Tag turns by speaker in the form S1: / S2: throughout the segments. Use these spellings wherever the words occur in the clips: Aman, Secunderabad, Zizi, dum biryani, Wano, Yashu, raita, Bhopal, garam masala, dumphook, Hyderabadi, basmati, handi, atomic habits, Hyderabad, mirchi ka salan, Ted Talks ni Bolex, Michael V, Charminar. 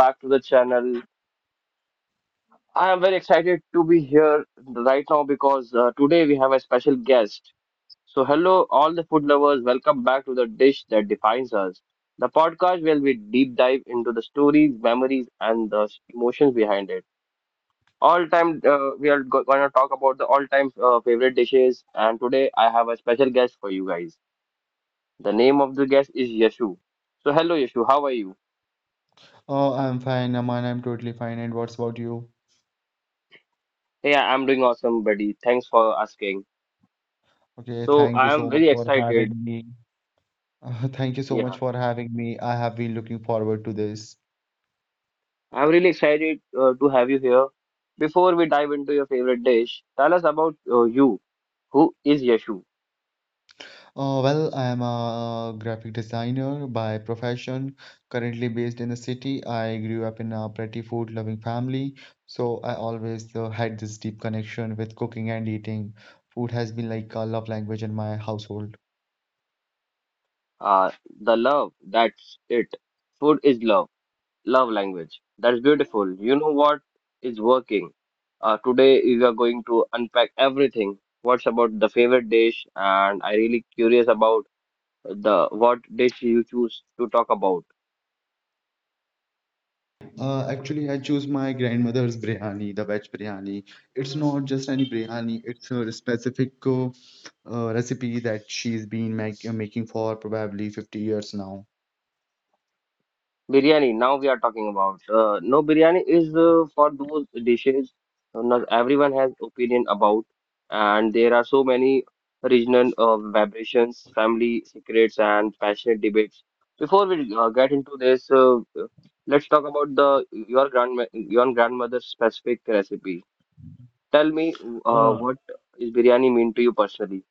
S1: back to the channel. I am very excited to be here right now because today we have a special guest. So, hello, all the food lovers, welcome back to The Dish That Defines Us, the podcast where we deep dive into the stories, memories, and the emotions behind it. All time, going to talk about the all time favorite dishes. And today, I have a special guest for you guys. The name of the guest is Yashu. So, hello, Yashu, how are you?
S2: Oh, I'm fine, Aman. I'm totally fine. And what's about you?
S1: Yeah, I'm doing awesome, buddy. Thanks for asking.
S2: Okay,
S1: So
S2: thank you
S1: I am
S2: so much
S1: very
S2: for
S1: excited.
S2: having me. Thank you so
S1: Yeah,
S2: much for having me. I have been looking forward to this.
S1: I'm really excited to have you here. Before we dive into your favorite dish, tell us about you. Who is Yashu?
S2: Well, I am a graphic designer by profession, currently based in the city. I grew up in a pretty food-loving family, so I always had this deep connection with cooking and eating. Food has been like a love language in my household.
S1: Uh, the love, that's it. Food is love, love language. That's beautiful. You know what is working. Today we are going to unpack everything. What's about the favorite dish? And I really curious about the what dish you choose to talk about.
S2: Actually, I choose my grandmother's biryani, the veg biryani. It's not just any biryani, it's a specific recipe that she's been making for probably 50 years now.
S1: Biryani, now we are talking about. No, biryani is for those dishes not everyone has opinion about, and there are so many regional vibrations, family secrets, and passionate debates. Before we get into this, let's talk about the your grandmother's specific recipe. Tell me,
S2: Uh,
S1: what is biryani mean to you personally?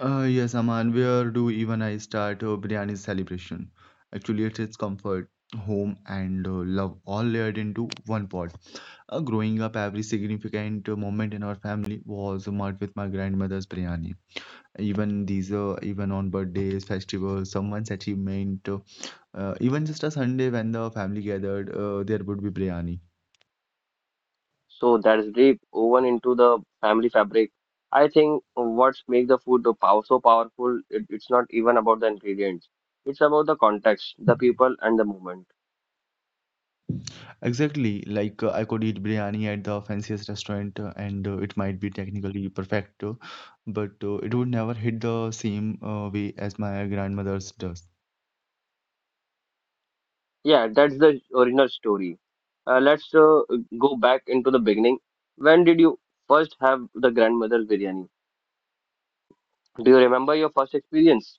S2: yes, Aman, where do even I start a biryani celebration? Actually, it is comfort, home, and love all layered into one pot. Growing up, every significant moment in our family was marked with my grandmother's biryani. Even these even on birthdays, festivals, someone's achievement, even just a Sunday when the family gathered, there would be biryani.
S1: So that's deep woven into the family fabric. I think what's make the food so powerful, it's not even about the ingredients. It's about the context, the people, and the moment.
S2: Exactly, like I could eat biryani at the fanciest restaurant, and it might be technically perfect, but it would never hit the same way as my grandmother's does.
S1: Yeah, that's the original story. Let's go back into the beginning. When did you first have the grandmother's biryani? Do you remember your first experience?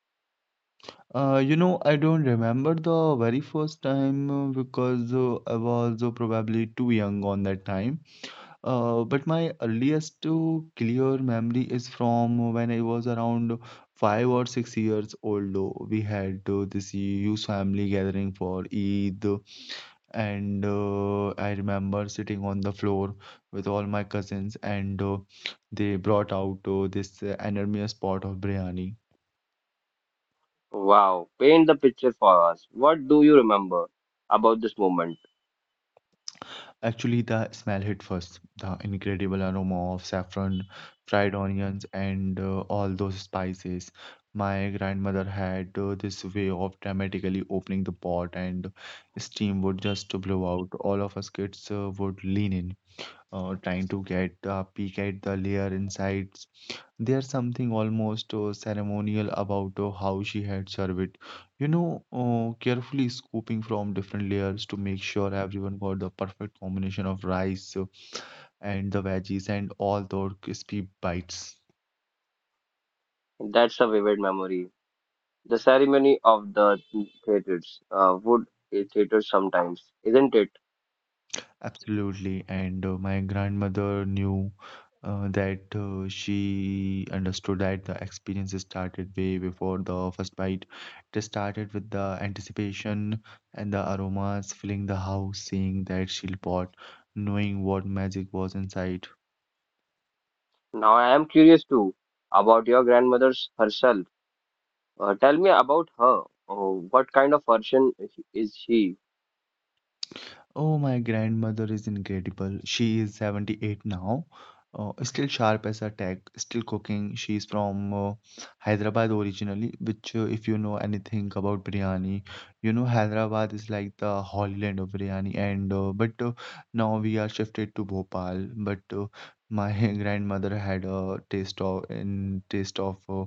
S2: I don't remember the very first time, because I was probably too young on that time. But my earliest to clear memory is from when I was around 5 or 6 years old. Though we had this huge family gathering for Eid, and I remember sitting on the floor with all my cousins, and they brought out this enormous pot of biryani.
S1: Wow, paint the picture for us. What do you remember about this moment?
S2: Actually, the smell hit first. The incredible aroma of saffron, fried onions, and all those spices. My grandmother had this way of dramatically opening the pot, and steam would just blow out. All of us kids would lean in, trying to get a peek at the layer insides. There's something almost ceremonial about how she had served it. You know, carefully scooping from different layers to make sure everyone got the perfect combination of rice and the veggies and all those crispy bites.
S1: That's a vivid memory. The ceremony of the theaters, wood is theaters sometimes, isn't it?
S2: Absolutely. And my grandmother knew that she understood that the experience started way before the first bite. It started with the anticipation and the aromas filling the house, seeing that shield pot, knowing what magic was inside.
S1: Now I am curious too about your grandmother's herself. Tell me about her. Oh, what kind of person is she?
S2: Oh, my grandmother is incredible. She is 78 now. Still sharp as a tack, still cooking. She's from Hyderabad originally, which, if you know anything about biryani, you know Hyderabad is like the holy land of biryani. And but now we are shifted to Bhopal. But my grandmother had a taste of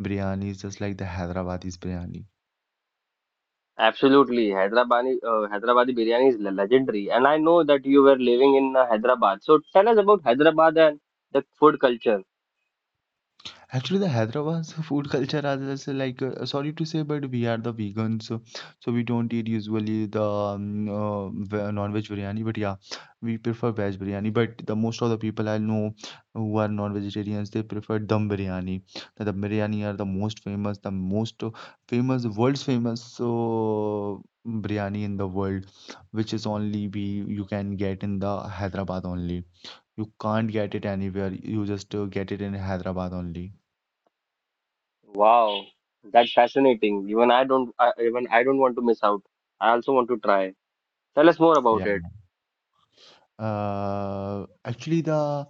S2: biryani, just like the Hyderabadi's biryani.
S1: Absolutely, Hyderabadi, Hyderabadi biryani is legendary, and I know that you were living in Hyderabad. So tell us about Hyderabad and the food culture.
S2: Actually, the Hyderabad's food culture as is like, sorry to say, but we are the vegans, so we don't eat usually the non-veg biryani. But yeah, we prefer veg biryani. But the most of the people I know who are non-vegetarians, they prefer dum biryani. The dum biryani are the most famous, world's famous so biryani in the world, which is only we you can get in the Hyderabad only. You can't get it anywhere. You just get it in Hyderabad only.
S1: Wow, that's fascinating. Even I don't, I, even I don't want to miss out. I also want to try. Tell us more about
S2: Yeah.
S1: it.
S2: Actually, the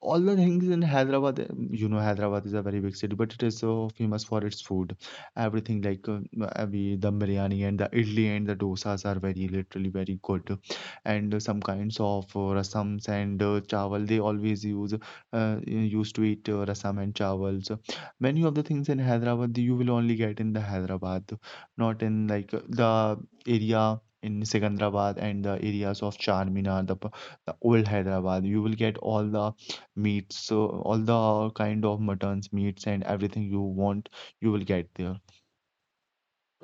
S2: all the things in Hyderabad, you know, Hyderabad is a very big city, but it is so famous for its food. Everything like the dum biryani and the idli and the dosas are very literally very good, and some kinds of rasams and chawal. They always used to eat rasam and chawals. Many of the things in Hyderabad you will only get in the Hyderabad, not in like the area in Secunderabad and the areas of Charminar, the, the old Hyderabad. You will get all the meats, so all the kind of muttons, meats, and everything you want, you will get there.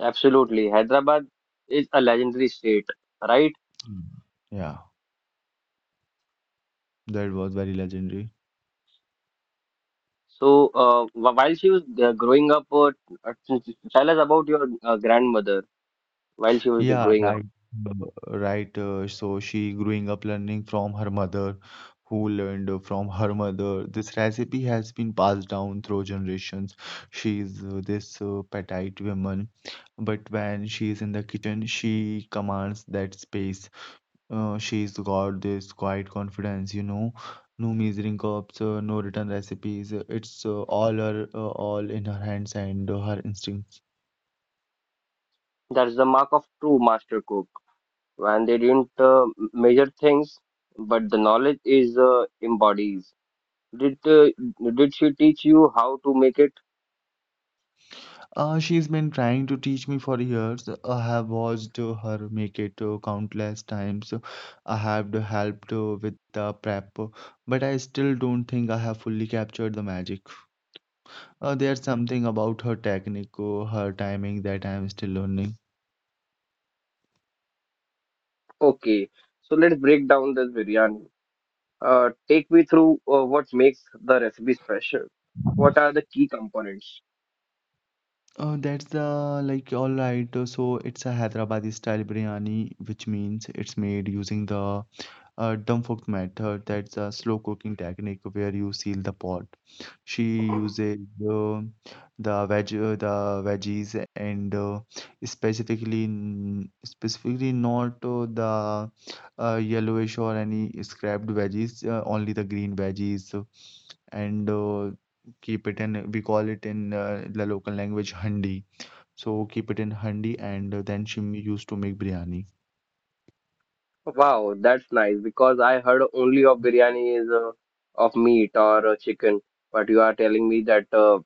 S1: Absolutely. Hyderabad is a legendary state, right?
S2: Mm. Yeah, that was very legendary.
S1: So, while she was growing up, tell us about your grandmother while she was
S2: Yeah,
S1: growing up.
S2: right. uh, Right. So she growing up learning from her mother, who learned from her mother. This recipe has been passed down through generations. She is this petite woman, but when she is in the kitchen, she commands that space. She's got this quiet confidence, you know. No measuring cups, no written recipes. It's all her, all in her hands and her instincts.
S1: That's the mark of true master cook. And they didn't measure things, but the knowledge is embodies. Did uh, did she teach you how to make it?
S2: She's been trying to teach me for years. I have watched her make it countless times. I have helped with the prep, but I still don't think I have fully captured the magic. There's something about her technique, her timing that I'm still learning.
S1: Okay. So let's break down this biryani. Take me through what makes the recipe special. What are the key components?
S2: That's the like all right. So it's a Hyderabadi style biryani, which means it's made using the a dumphook method. That's a slow cooking technique where you seal the pot. She uses uh, the veggies and specifically specifically not the yellowish or any scrapped veggies, only the green veggies, and keep it in, we call it in the local language, handi. So keep it in handi, and then she used to make biryani.
S1: Wow, that's nice because I heard only of biryani is of meat or chicken, but you are telling me that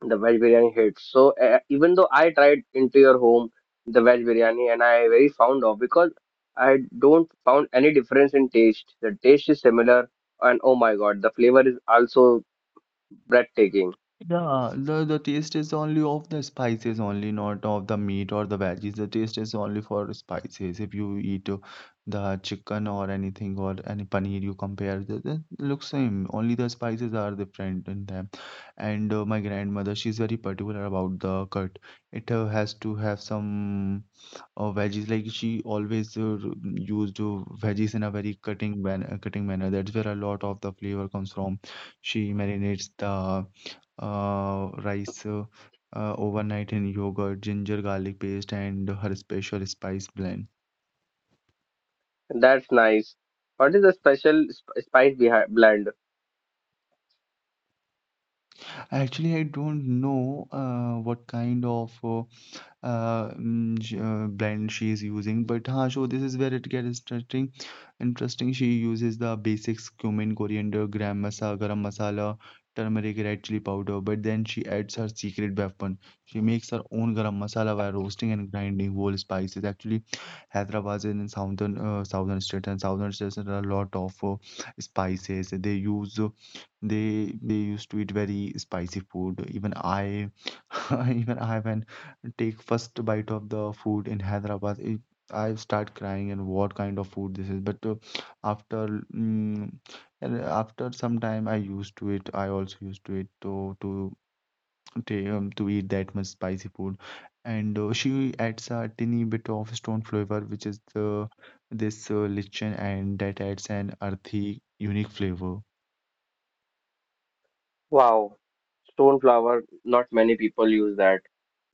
S1: the veg biryani hits. So even though I tried into your home the veg biryani and I very fond of because I don't found any difference in taste. The taste is similar and oh my God, the flavor is also breathtaking.
S2: Yeah, the taste is only of the spices only, not of the meat or the veggies. The taste is only for spices. If you eat the chicken or anything or any paneer, you compare the looks same. Only the spices are different in them. And my grandmother, she's very particular about the cut. It has to have some veggies. Like she always used veggies in a very cutting manner. That's where a lot of the flavor comes from. She marinates the rice overnight in yogurt, ginger garlic paste, and her special spice blend.
S1: That's nice. What is the special sp spice behind blend?
S2: Actually, I don't know what kind of mm, sh- blend she is using. But huh, so this is where it gets interesting. Interesting. She uses the basics: cumin, coriander, garam masala, turmeric, red chili powder. But then she adds her secret weapon. She makes her own garam masala by roasting and grinding whole spices. Actually, Hyderabad is in southern state, and southern states there are a lot of spices. They use they used to eat very spicy food. Even I Even I when take first bite of the food in Hyderabad, it, I start crying and what kind of food this is. But after mm, and after some time, I used to it. I also used to it to eat that much spicy food, and she adds a tiny bit of stone flavor, which is the this lichen, and that adds an earthy, unique flavor.
S1: Wow. Stone flower, not many people use that.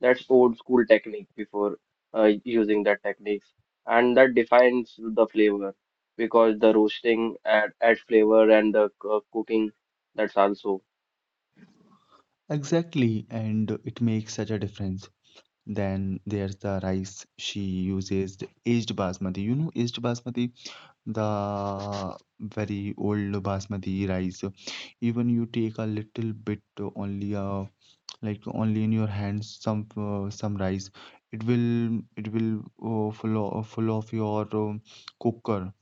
S1: That's old school technique before using that techniques, and that defines the flavor because the roasting add flavor and the cooking that's also.
S2: Exactly, and it makes such a difference. Then there's the rice. She uses the aged basmati. You know, aged basmati, the very old basmati rice. Even you take a little bit, only like only in your hands, some rice. It will full of your cooker.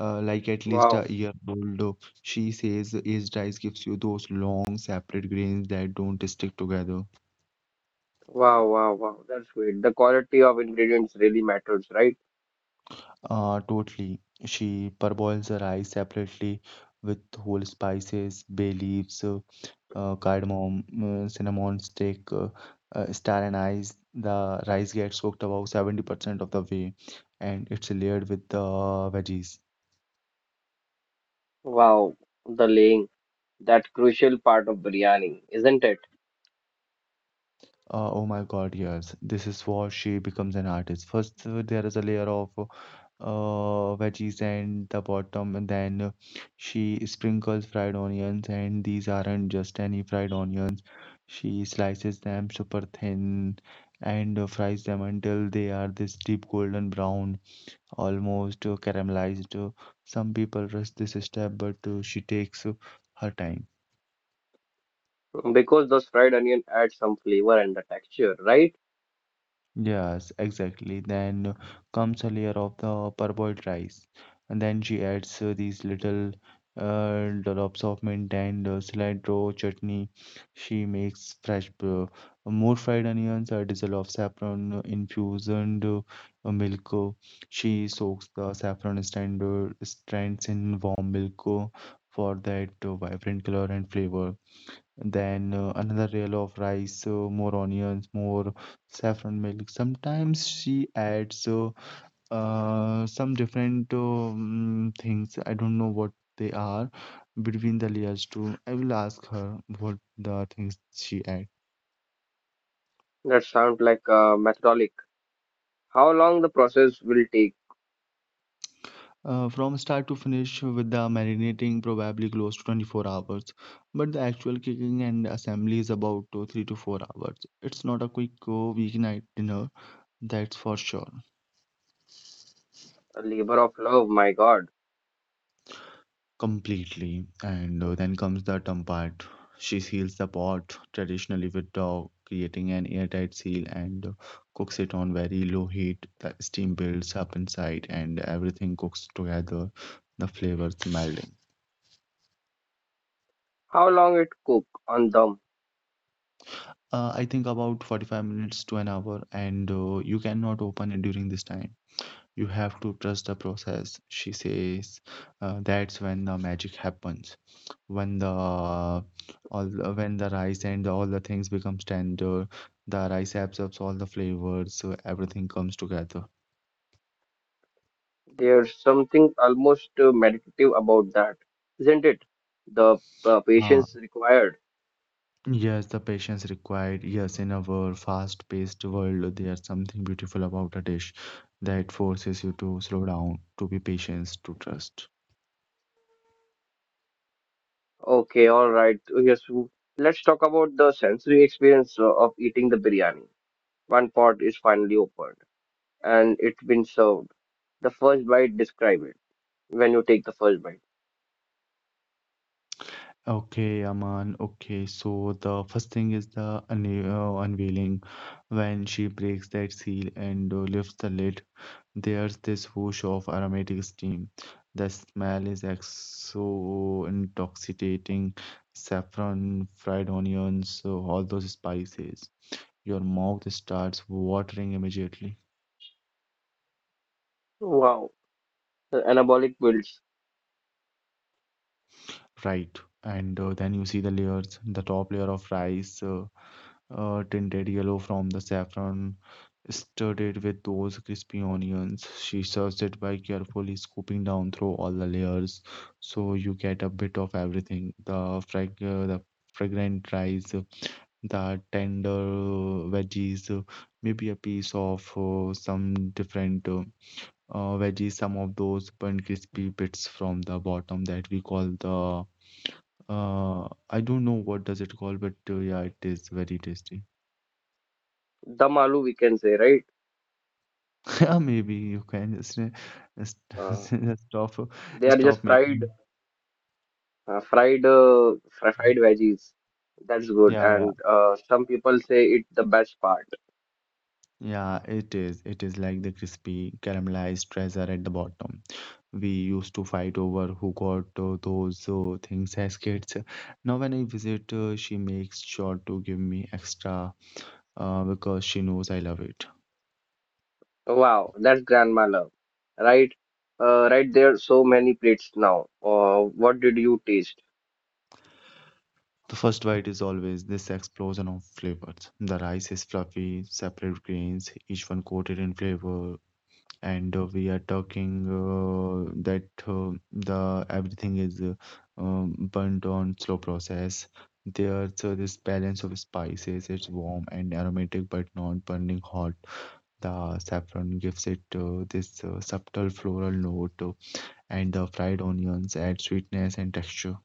S2: Like at least a
S1: Wow,
S2: year old. She says aged rice gives you those long separate grains that don't stick together.
S1: wow, wow, wow. That's great. The quality of ingredients really matters, right?
S2: Totally. She parboils her rice separately with whole spices, bay leaves, cardamom, cinnamon stick, star anise. The rice gets cooked about 70% of the way, and it's layered with the veggies.
S1: Wow, the laying, that crucial part of biryani, isn't it?
S2: Oh my God, yes. This is what she becomes an artist. First, there is a layer of veggies and the bottom, and then she sprinkles fried onions, and these aren't just any fried onions. She slices them super thin and fries them until they are this deep golden brown, almost caramelized. Some people rush this step, but she takes her time.
S1: Because those fried onion adds some flavor and the texture, right?
S2: Yes, exactly. Then comes a layer of the parboiled rice, and then she adds these little dollops of mint and cilantro chutney. She makes fresh, more fried onions, a drizzle of saffron infused milk. She soaks the strands in warm milk for that vibrant color and flavor. Then another reel of rice, more onions, more saffron milk. Sometimes she adds some different things. I don't know what they are between the layers too. I will ask her what the things she add.
S1: That sounds like methodic. How long the process will take?
S2: From start to finish with the marinating, probably close to 24 hours. But the actual cooking and assembly is about 3 to 4 hours. It's not a quick weeknight dinner, that's for sure.
S1: A labor of love, my God.
S2: Completely. And then comes the dumb part. She seals the pot traditionally with dough, creating an airtight seal, and cooks it on very low heat. The steam builds up inside, and everything cooks together, the flavors melding.
S1: How long it cook on them?
S2: I think about 45 minutes to an hour, and you cannot open it during this time. You have to trust the process, she says. That's when the magic happens. When when the rice and all the things becomes tender, the rice absorbs all the flavors, so everything comes together.
S1: There's something almost meditative about that, isn't it? The
S2: Ah,
S1: patience required.
S2: yes, the patience required, yes, in our fast-paced world there's something beautiful about a dish that forces you to slow down, to be patient, to trust.
S1: Okay, all right. So yes, let's talk about the sensory experience of eating the biryani. One pot is finally opened and it's been served. The first bite, describe it. When you take the first bite,
S2: Okay, Aman. Okay, so the first thing is the unveiling when she breaks that seal and lifts the lid. There's this whoosh of aromatic steam. The smell is so intoxicating. Saffron, fried onions, so all those spices. Your mouth starts watering immediately.
S1: wow, the anabolic builds.
S2: Right. And then you see the layers, the top layer of rice, tinted yellow from the saffron, stirred it with those crispy onions. She serves it by carefully scooping down through all the layers, so you get a bit of everything: the the fragrant rice, the tender veggies, maybe a piece of some different. Veggies, some of those burnt crispy bits from the bottom that we call the, I don't know what does it call, but yeah, it is very tasty.
S1: Dum aloo, we can say, right?
S2: Yeah, maybe you can just
S1: Uh,
S2: stop
S1: they are just
S2: stop
S1: fried
S2: making.
S1: Fried veggies. That's good.
S2: Yeah, yeah,
S1: And some people say it's the best part.
S2: yeah. It is. It is like the crispy caramelized treasure at the bottom. We used to fight over who got those things as kids. Now when I visit, she makes sure to give me extra because she knows I love it.
S1: Wow, that's grandma love. Right? Right there, so many plates now. What did you taste?
S2: The first bite is always this explosion of flavors. The rice is fluffy, separate grains, each one coated in flavor. And we are talking that the everything is burnt on slow process. There's this balance of spices. It's warm and aromatic, but not burning hot. The saffron gives it this subtle floral note, and the fried onions add sweetness and texture.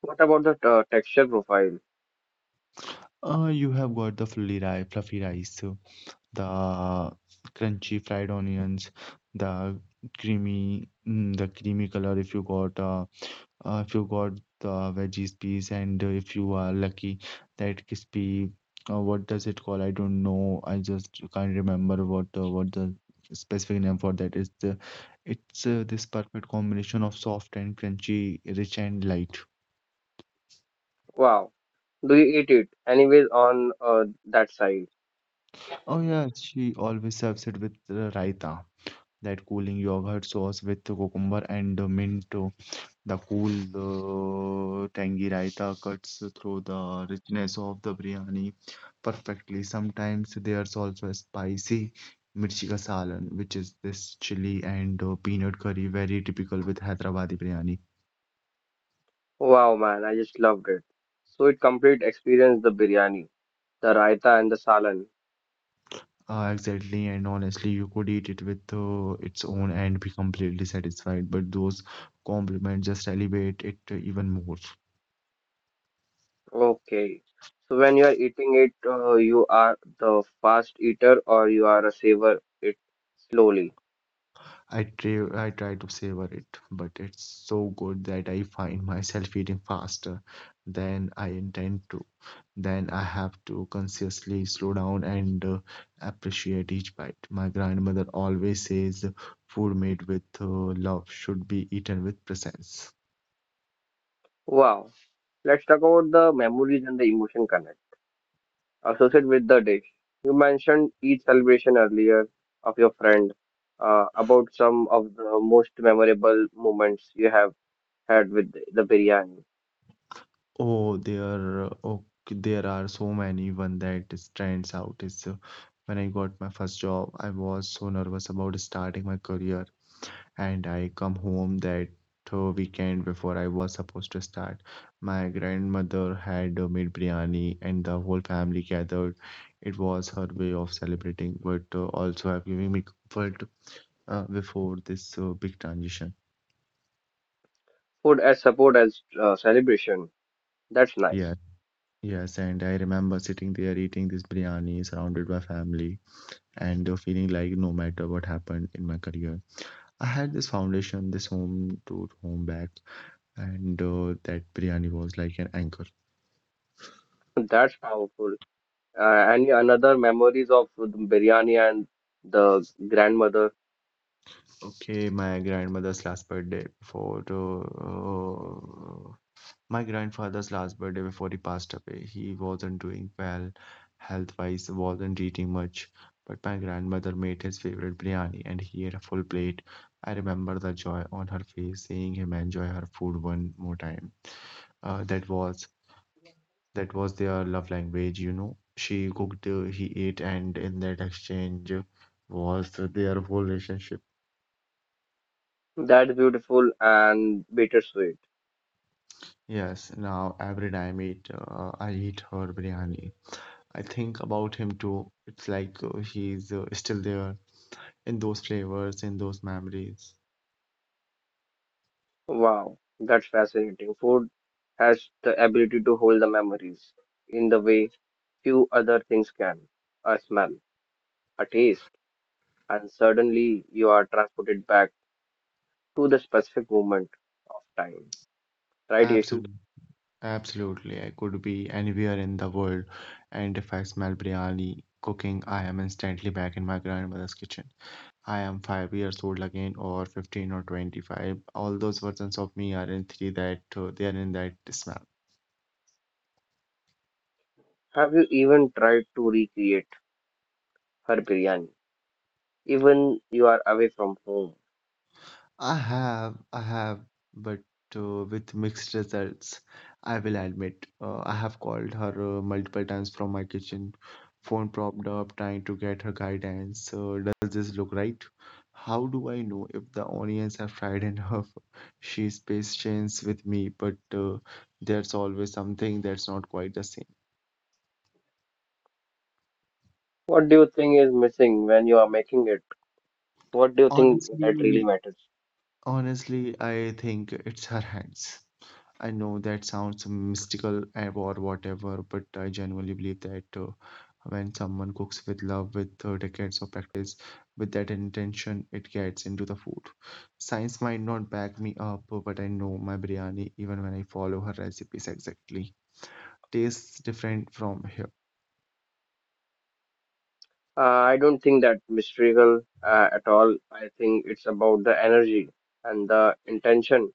S1: What about the texture profile?
S2: You have got the fluffy rice, the crunchy fried onions, the creamy, the creamy color. If you got the veggies piece, and if you are lucky, that crispy, what does it call? I don't know. I just can't remember what the specific name for that is. It's this perfect combination of soft and crunchy, rich and light.
S1: Wow. Do you eat it? Anyways, on that side.
S2: Oh yeah, she always serves it with raita, that cooling yogurt sauce with cucumber and mint. The cool, tangy raita cuts through the richness of the biryani perfectly. Sometimes there's also a spicy mirchi ka salan, which is this chili and peanut curry, very typical with Hyderabadi biryani.
S1: Wow, man, I just loved it. So it complete experience the biryani, the raita and the salan.
S2: Exactly, and honestly, you could eat it with its own and be completely satisfied, but those compliments just elevate it even more.
S1: Okay. So when you are eating it, you are the fast eater or you are a savor it slowly.
S2: I try to savor it, but it's so good that I find myself eating faster than I intend to. Then I have to consciously slow down and appreciate each bite. My grandmother always says food made with love should be eaten with presence.
S1: Wow. Let's talk about the memories and the emotion connect associated with the dish. You mentioned each celebration earlier of your friend, about some of the most memorable moments you have had with the biryani.
S2: There are so many. One that stands out is when I got my first job. I was so nervous about starting my career and I come home that weekend before I was supposed to start. My grandmother had made biryani, and the whole family gathered. It was her way of celebrating, but also have giving me comfort before this big transition.
S1: Food as support as celebration. That's
S2: Yeah,
S1: nice.
S2: yes, and I remember sitting there eating this biryani surrounded by family and feeling like no matter what happened in my career, I had this foundation, this home to home back, and that biryani was like an anchor.
S1: That's powerful. And yeah, another memories of the biryani and the grandmother.
S2: Okay, uh, uh, my grandfather's last birthday before he passed away. He wasn't doing well health-wise, wasn't eating much, but my grandmother made his favorite biryani and he ate a full plate. I remember the joy on her face seeing him enjoy her food one more time. Uh, that was that was their love language. She cooked, he ate, and in that exchange was their whole relationship.
S1: That's beautiful and bittersweet.
S2: Yes, now every time I eat her biryani, I think about him too. It's like he's still there in those flavors, in those memories.
S1: Wow, that's fascinating. Food has the ability to hold the memories in the way few other things can. A smell, a taste, and suddenly you are transported back to the specific moment of time. Right, Yeshu?
S2: Absolutely, absolutely. I could be anywhere in the world, and if I smell biryani cooking, I am instantly back in my grandmother's kitchen. I am 5 years old again, or 15 or 25. All those versions of me are in three that they are in that smell.
S1: Have you even tried to recreate her biryani? Even you are away from home.
S2: I have, but with mixed results, I will admit. I have called her multiple times from my kitchen, phone propped up, trying to get her guidance. Does this look right? How do I know if the onions are fried enough? She's patient with me, but there's always something that's not quite the same.
S1: What do you think is missing when you are making it? What do you think that really
S2: Honestly,
S1: matters?
S2: honestly, I think it's her hands. I know that sounds mystical or whatever, but I genuinely believe that when someone cooks with love, with decades of practice, with that intention, it gets into the food. Science might not back me up, but I know my biryani, even when I follow her recipes exactly, tastes different from here.
S1: Uh, I don't think that mystical at all. I think it's about the energy and the intention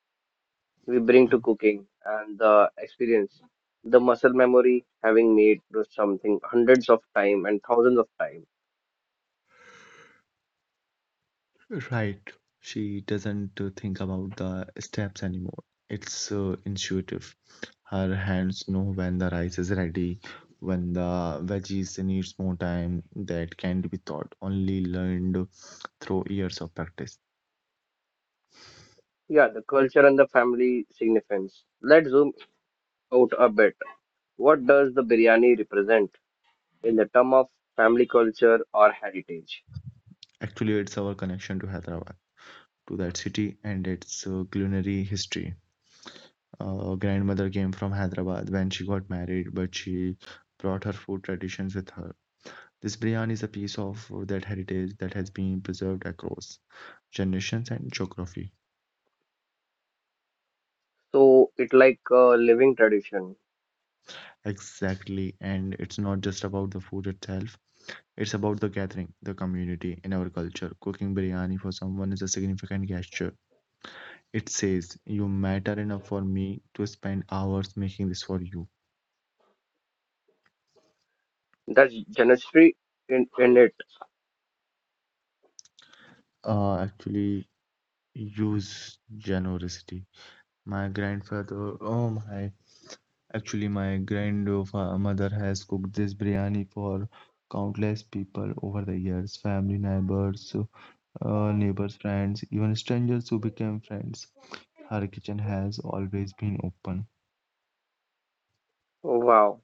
S1: we bring to cooking and the experience, the muscle memory having made something hundreds of time and thousands of time.
S2: Right. She doesn't think about the steps anymore. It's intuitive. Her hands know when the rice is ready, when the veggies needs more time. That can't be taught, only learned through years of practice.
S1: Yeah, the culture and the family significance. Let's zoom out a bit. What does the biryani represent in the term of family culture or heritage?
S2: Actually, it's our connection to Hyderabad, to that city and its culinary history. Grandmother came from Hyderabad when she got married, but she brought her food traditions with her. This biryani is a piece of that heritage that has been preserved across generations and geography.
S1: So it like a living tradition.
S2: Exactly, and it's not just about the food itself, it's about the gathering, the community in our culture. Cooking biryani for someone is a significant gesture. It says, "You matter enough for me to spend hours making this for you."
S1: That's generosity in it.
S2: Actually, use generosity. My grandfather, oh my Actually, my grandmother has cooked this biryani for countless people over the years, family, neighbors, friends, even strangers who became friends. Her kitchen has always been open.
S1: Wow,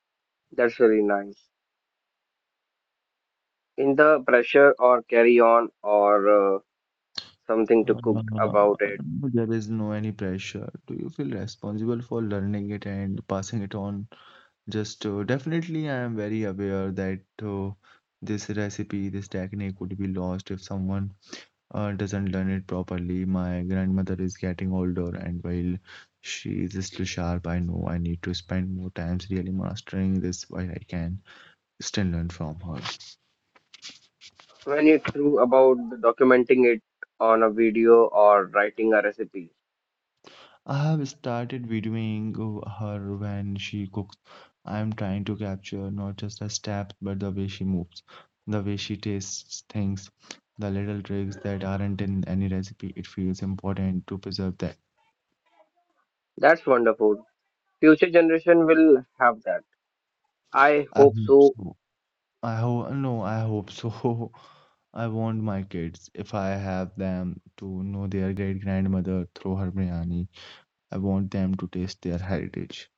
S1: that's really nice. In the pressure or carry on or something to cook
S2: Uh,
S1: about it.
S2: there is no any pressure. Do you feel responsible for learning it and passing it on? Just Definitely, I am very aware that this recipe, this technique would be lost if someone doesn't learn it properly. My grandmother is getting older, and while she is still sharp, I know I need to spend more times really mastering this while I can still learn from her.
S1: When you through about documenting it on a video or writing a recipe.
S2: I have started videoing her when she cooks. I am trying to capture not just the steps, but the way she moves, the way she tastes things, the little tricks that aren't in any recipe. It feels important to preserve that.
S1: That's wonderful. Future generation will have that. I hope so.
S2: So I hope no, I hope so. I want my kids, if I have them, to know their great grandmother through her biryani. I want them to taste their heritage.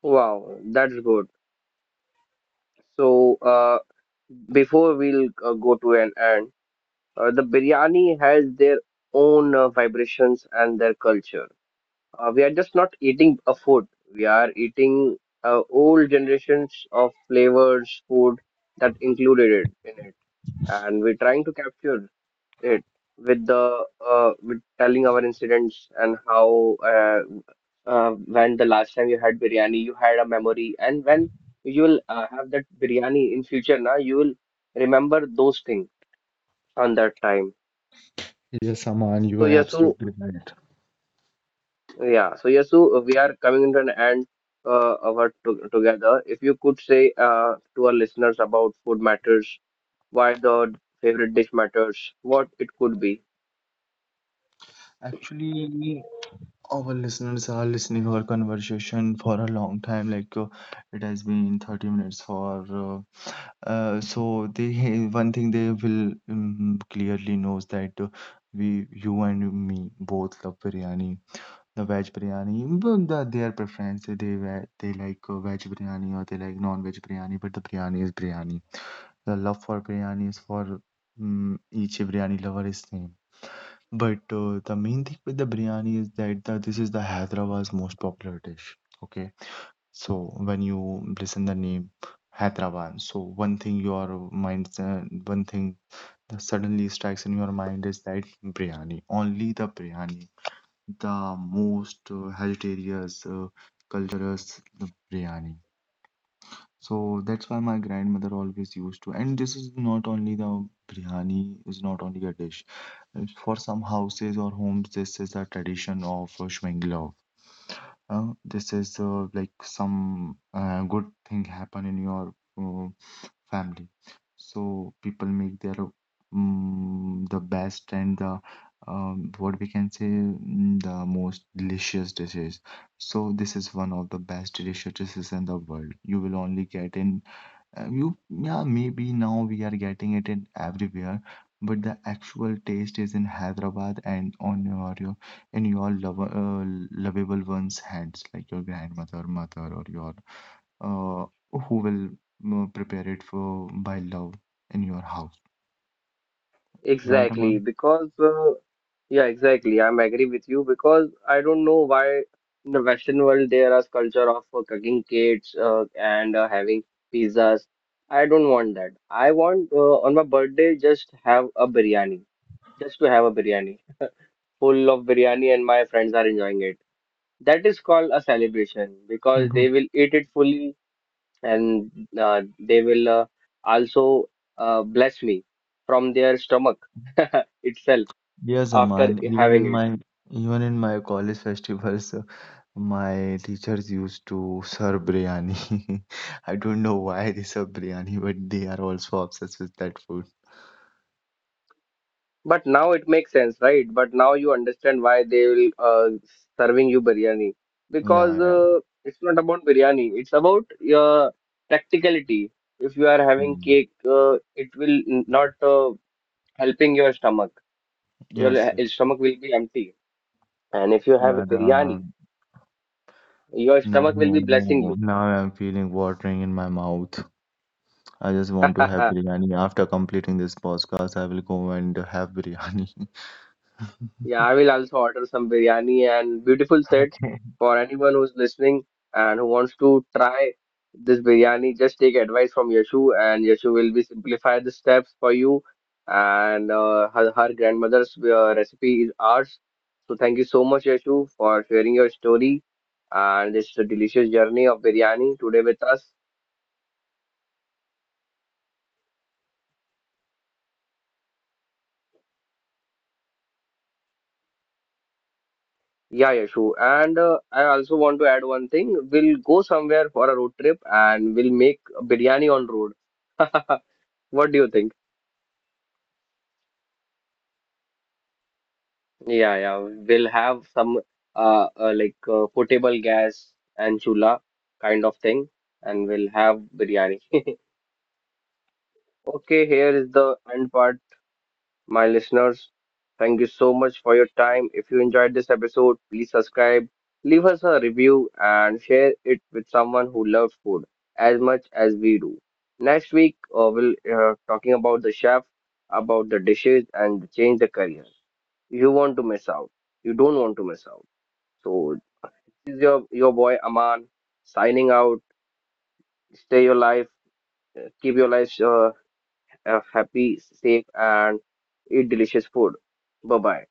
S1: Wow, that's good. So before we'll go to an end, the biryani has their own vibrations and their culture. We are just not eating a food. We are eating old generations of flavors, food that included it in it, and we're trying to capture it with the with telling our incidents and how when the last time you had biryani, you had a memory, and when you will have that biryani in future, na you will remember those things on that time.
S2: Yes, Aman, you
S1: So
S2: are
S1: yeah, so
S2: absolutely right.
S1: Yeah, so Yasu, we are coming into an end of our to together. If you could say to our listeners about food matters, why the favorite dish matters, what it could be.
S2: Actually, our listeners are listening our conversation for a long time. It has been 30 minutes for. So they one thing they will clearly knows that we, you and me, both love biryani, the veg biryani, but their preference, they like veg biryani or they like non-veg biryani, but the biryani is biryani. The love for biryani is for each biryani lover is same. But the main thing with the biryani is that this is the Hyderabad's most popular dish. Okay, so when you listen the name Hyderabad, so one thing that suddenly strikes in your mind is that biryani, only the biryani, the most hereditarious cultures, the biryani, so that's why my grandmother always used to, and this is not only the biryani, is not only a dish. For some houses or homes this is a tradition of this is like some good thing happen in your uh, family, so people make their the best and the, what we can say, the most delicious dishes, so this is one of the best delicious dishes in the world, you will only get in yeah, maybe now we are getting it in everywhere, but the actual taste is in Hyderabad and on your lovable one's hands, like your grandmother, mother, or your uh, who will prepare it for by love in your house, right,
S1: Exactly, because yeah, exactly. I'm agree with you because I don't know why in the Western world there is culture of cooking cakes and having pizzas. I don't want that. I want on my birthday just have a biryani, just to have a biryani. Full of biryani and my friends are enjoying it. That is called a celebration because
S2: Aman?
S1: they will eat it fully and they will also bless me from their stomach itself
S2: Yes,
S1: after
S2: Aman. Even
S1: having
S2: in
S1: it.
S2: my even in my college festivals, my teachers used to serve biryani. I don't know why they serve biryani, but they are also obsessed with that food.
S1: But now it makes sense, right? But now you understand why they will serving you biryani because
S2: Yeah, yeah.
S1: it's not about biryani, it's about your practicality. If you are having
S2: Mm.
S1: cake, it will not helping your
S2: Yes, yes.
S1: stomach will be empty. And if you have
S2: Yeah,
S1: biryani, your
S2: now,
S1: stomach will be blessing you.
S2: now I'm feeling watering in my mouth. I just want to have biryani. After completing this podcast, I will go and have biryani.
S1: Yeah, I will also order some biryani and beautiful set
S2: Okay.
S1: for anyone who's listening and who wants to try this biryani. Just take advice from Yashu, and Yashu will be simplify the steps for you. And her grandmother's recipe is ours. So thank you so much, Yashu, for sharing your story and this delicious journey of biryani today with us. Yeah, Yashu. And I also want to add one thing. We'll go somewhere for a road trip and we'll make biryani on road. What do you think? Yeah, yeah. We'll have some portable gas and chula kind of thing, and we'll have biryani. Okay, here is the end part. My listeners. Thank you so much for your time. If you enjoyed this episode, please subscribe, leave us a review, and share it with someone who loves food as much as we do. Next week, we'll talking about the chef, about the dishes, and change the career. You want to miss out. You don't want to miss out. So this is your boy Aman signing out. Stay your life. Keep your life happy, safe, and eat delicious food. Bye bye.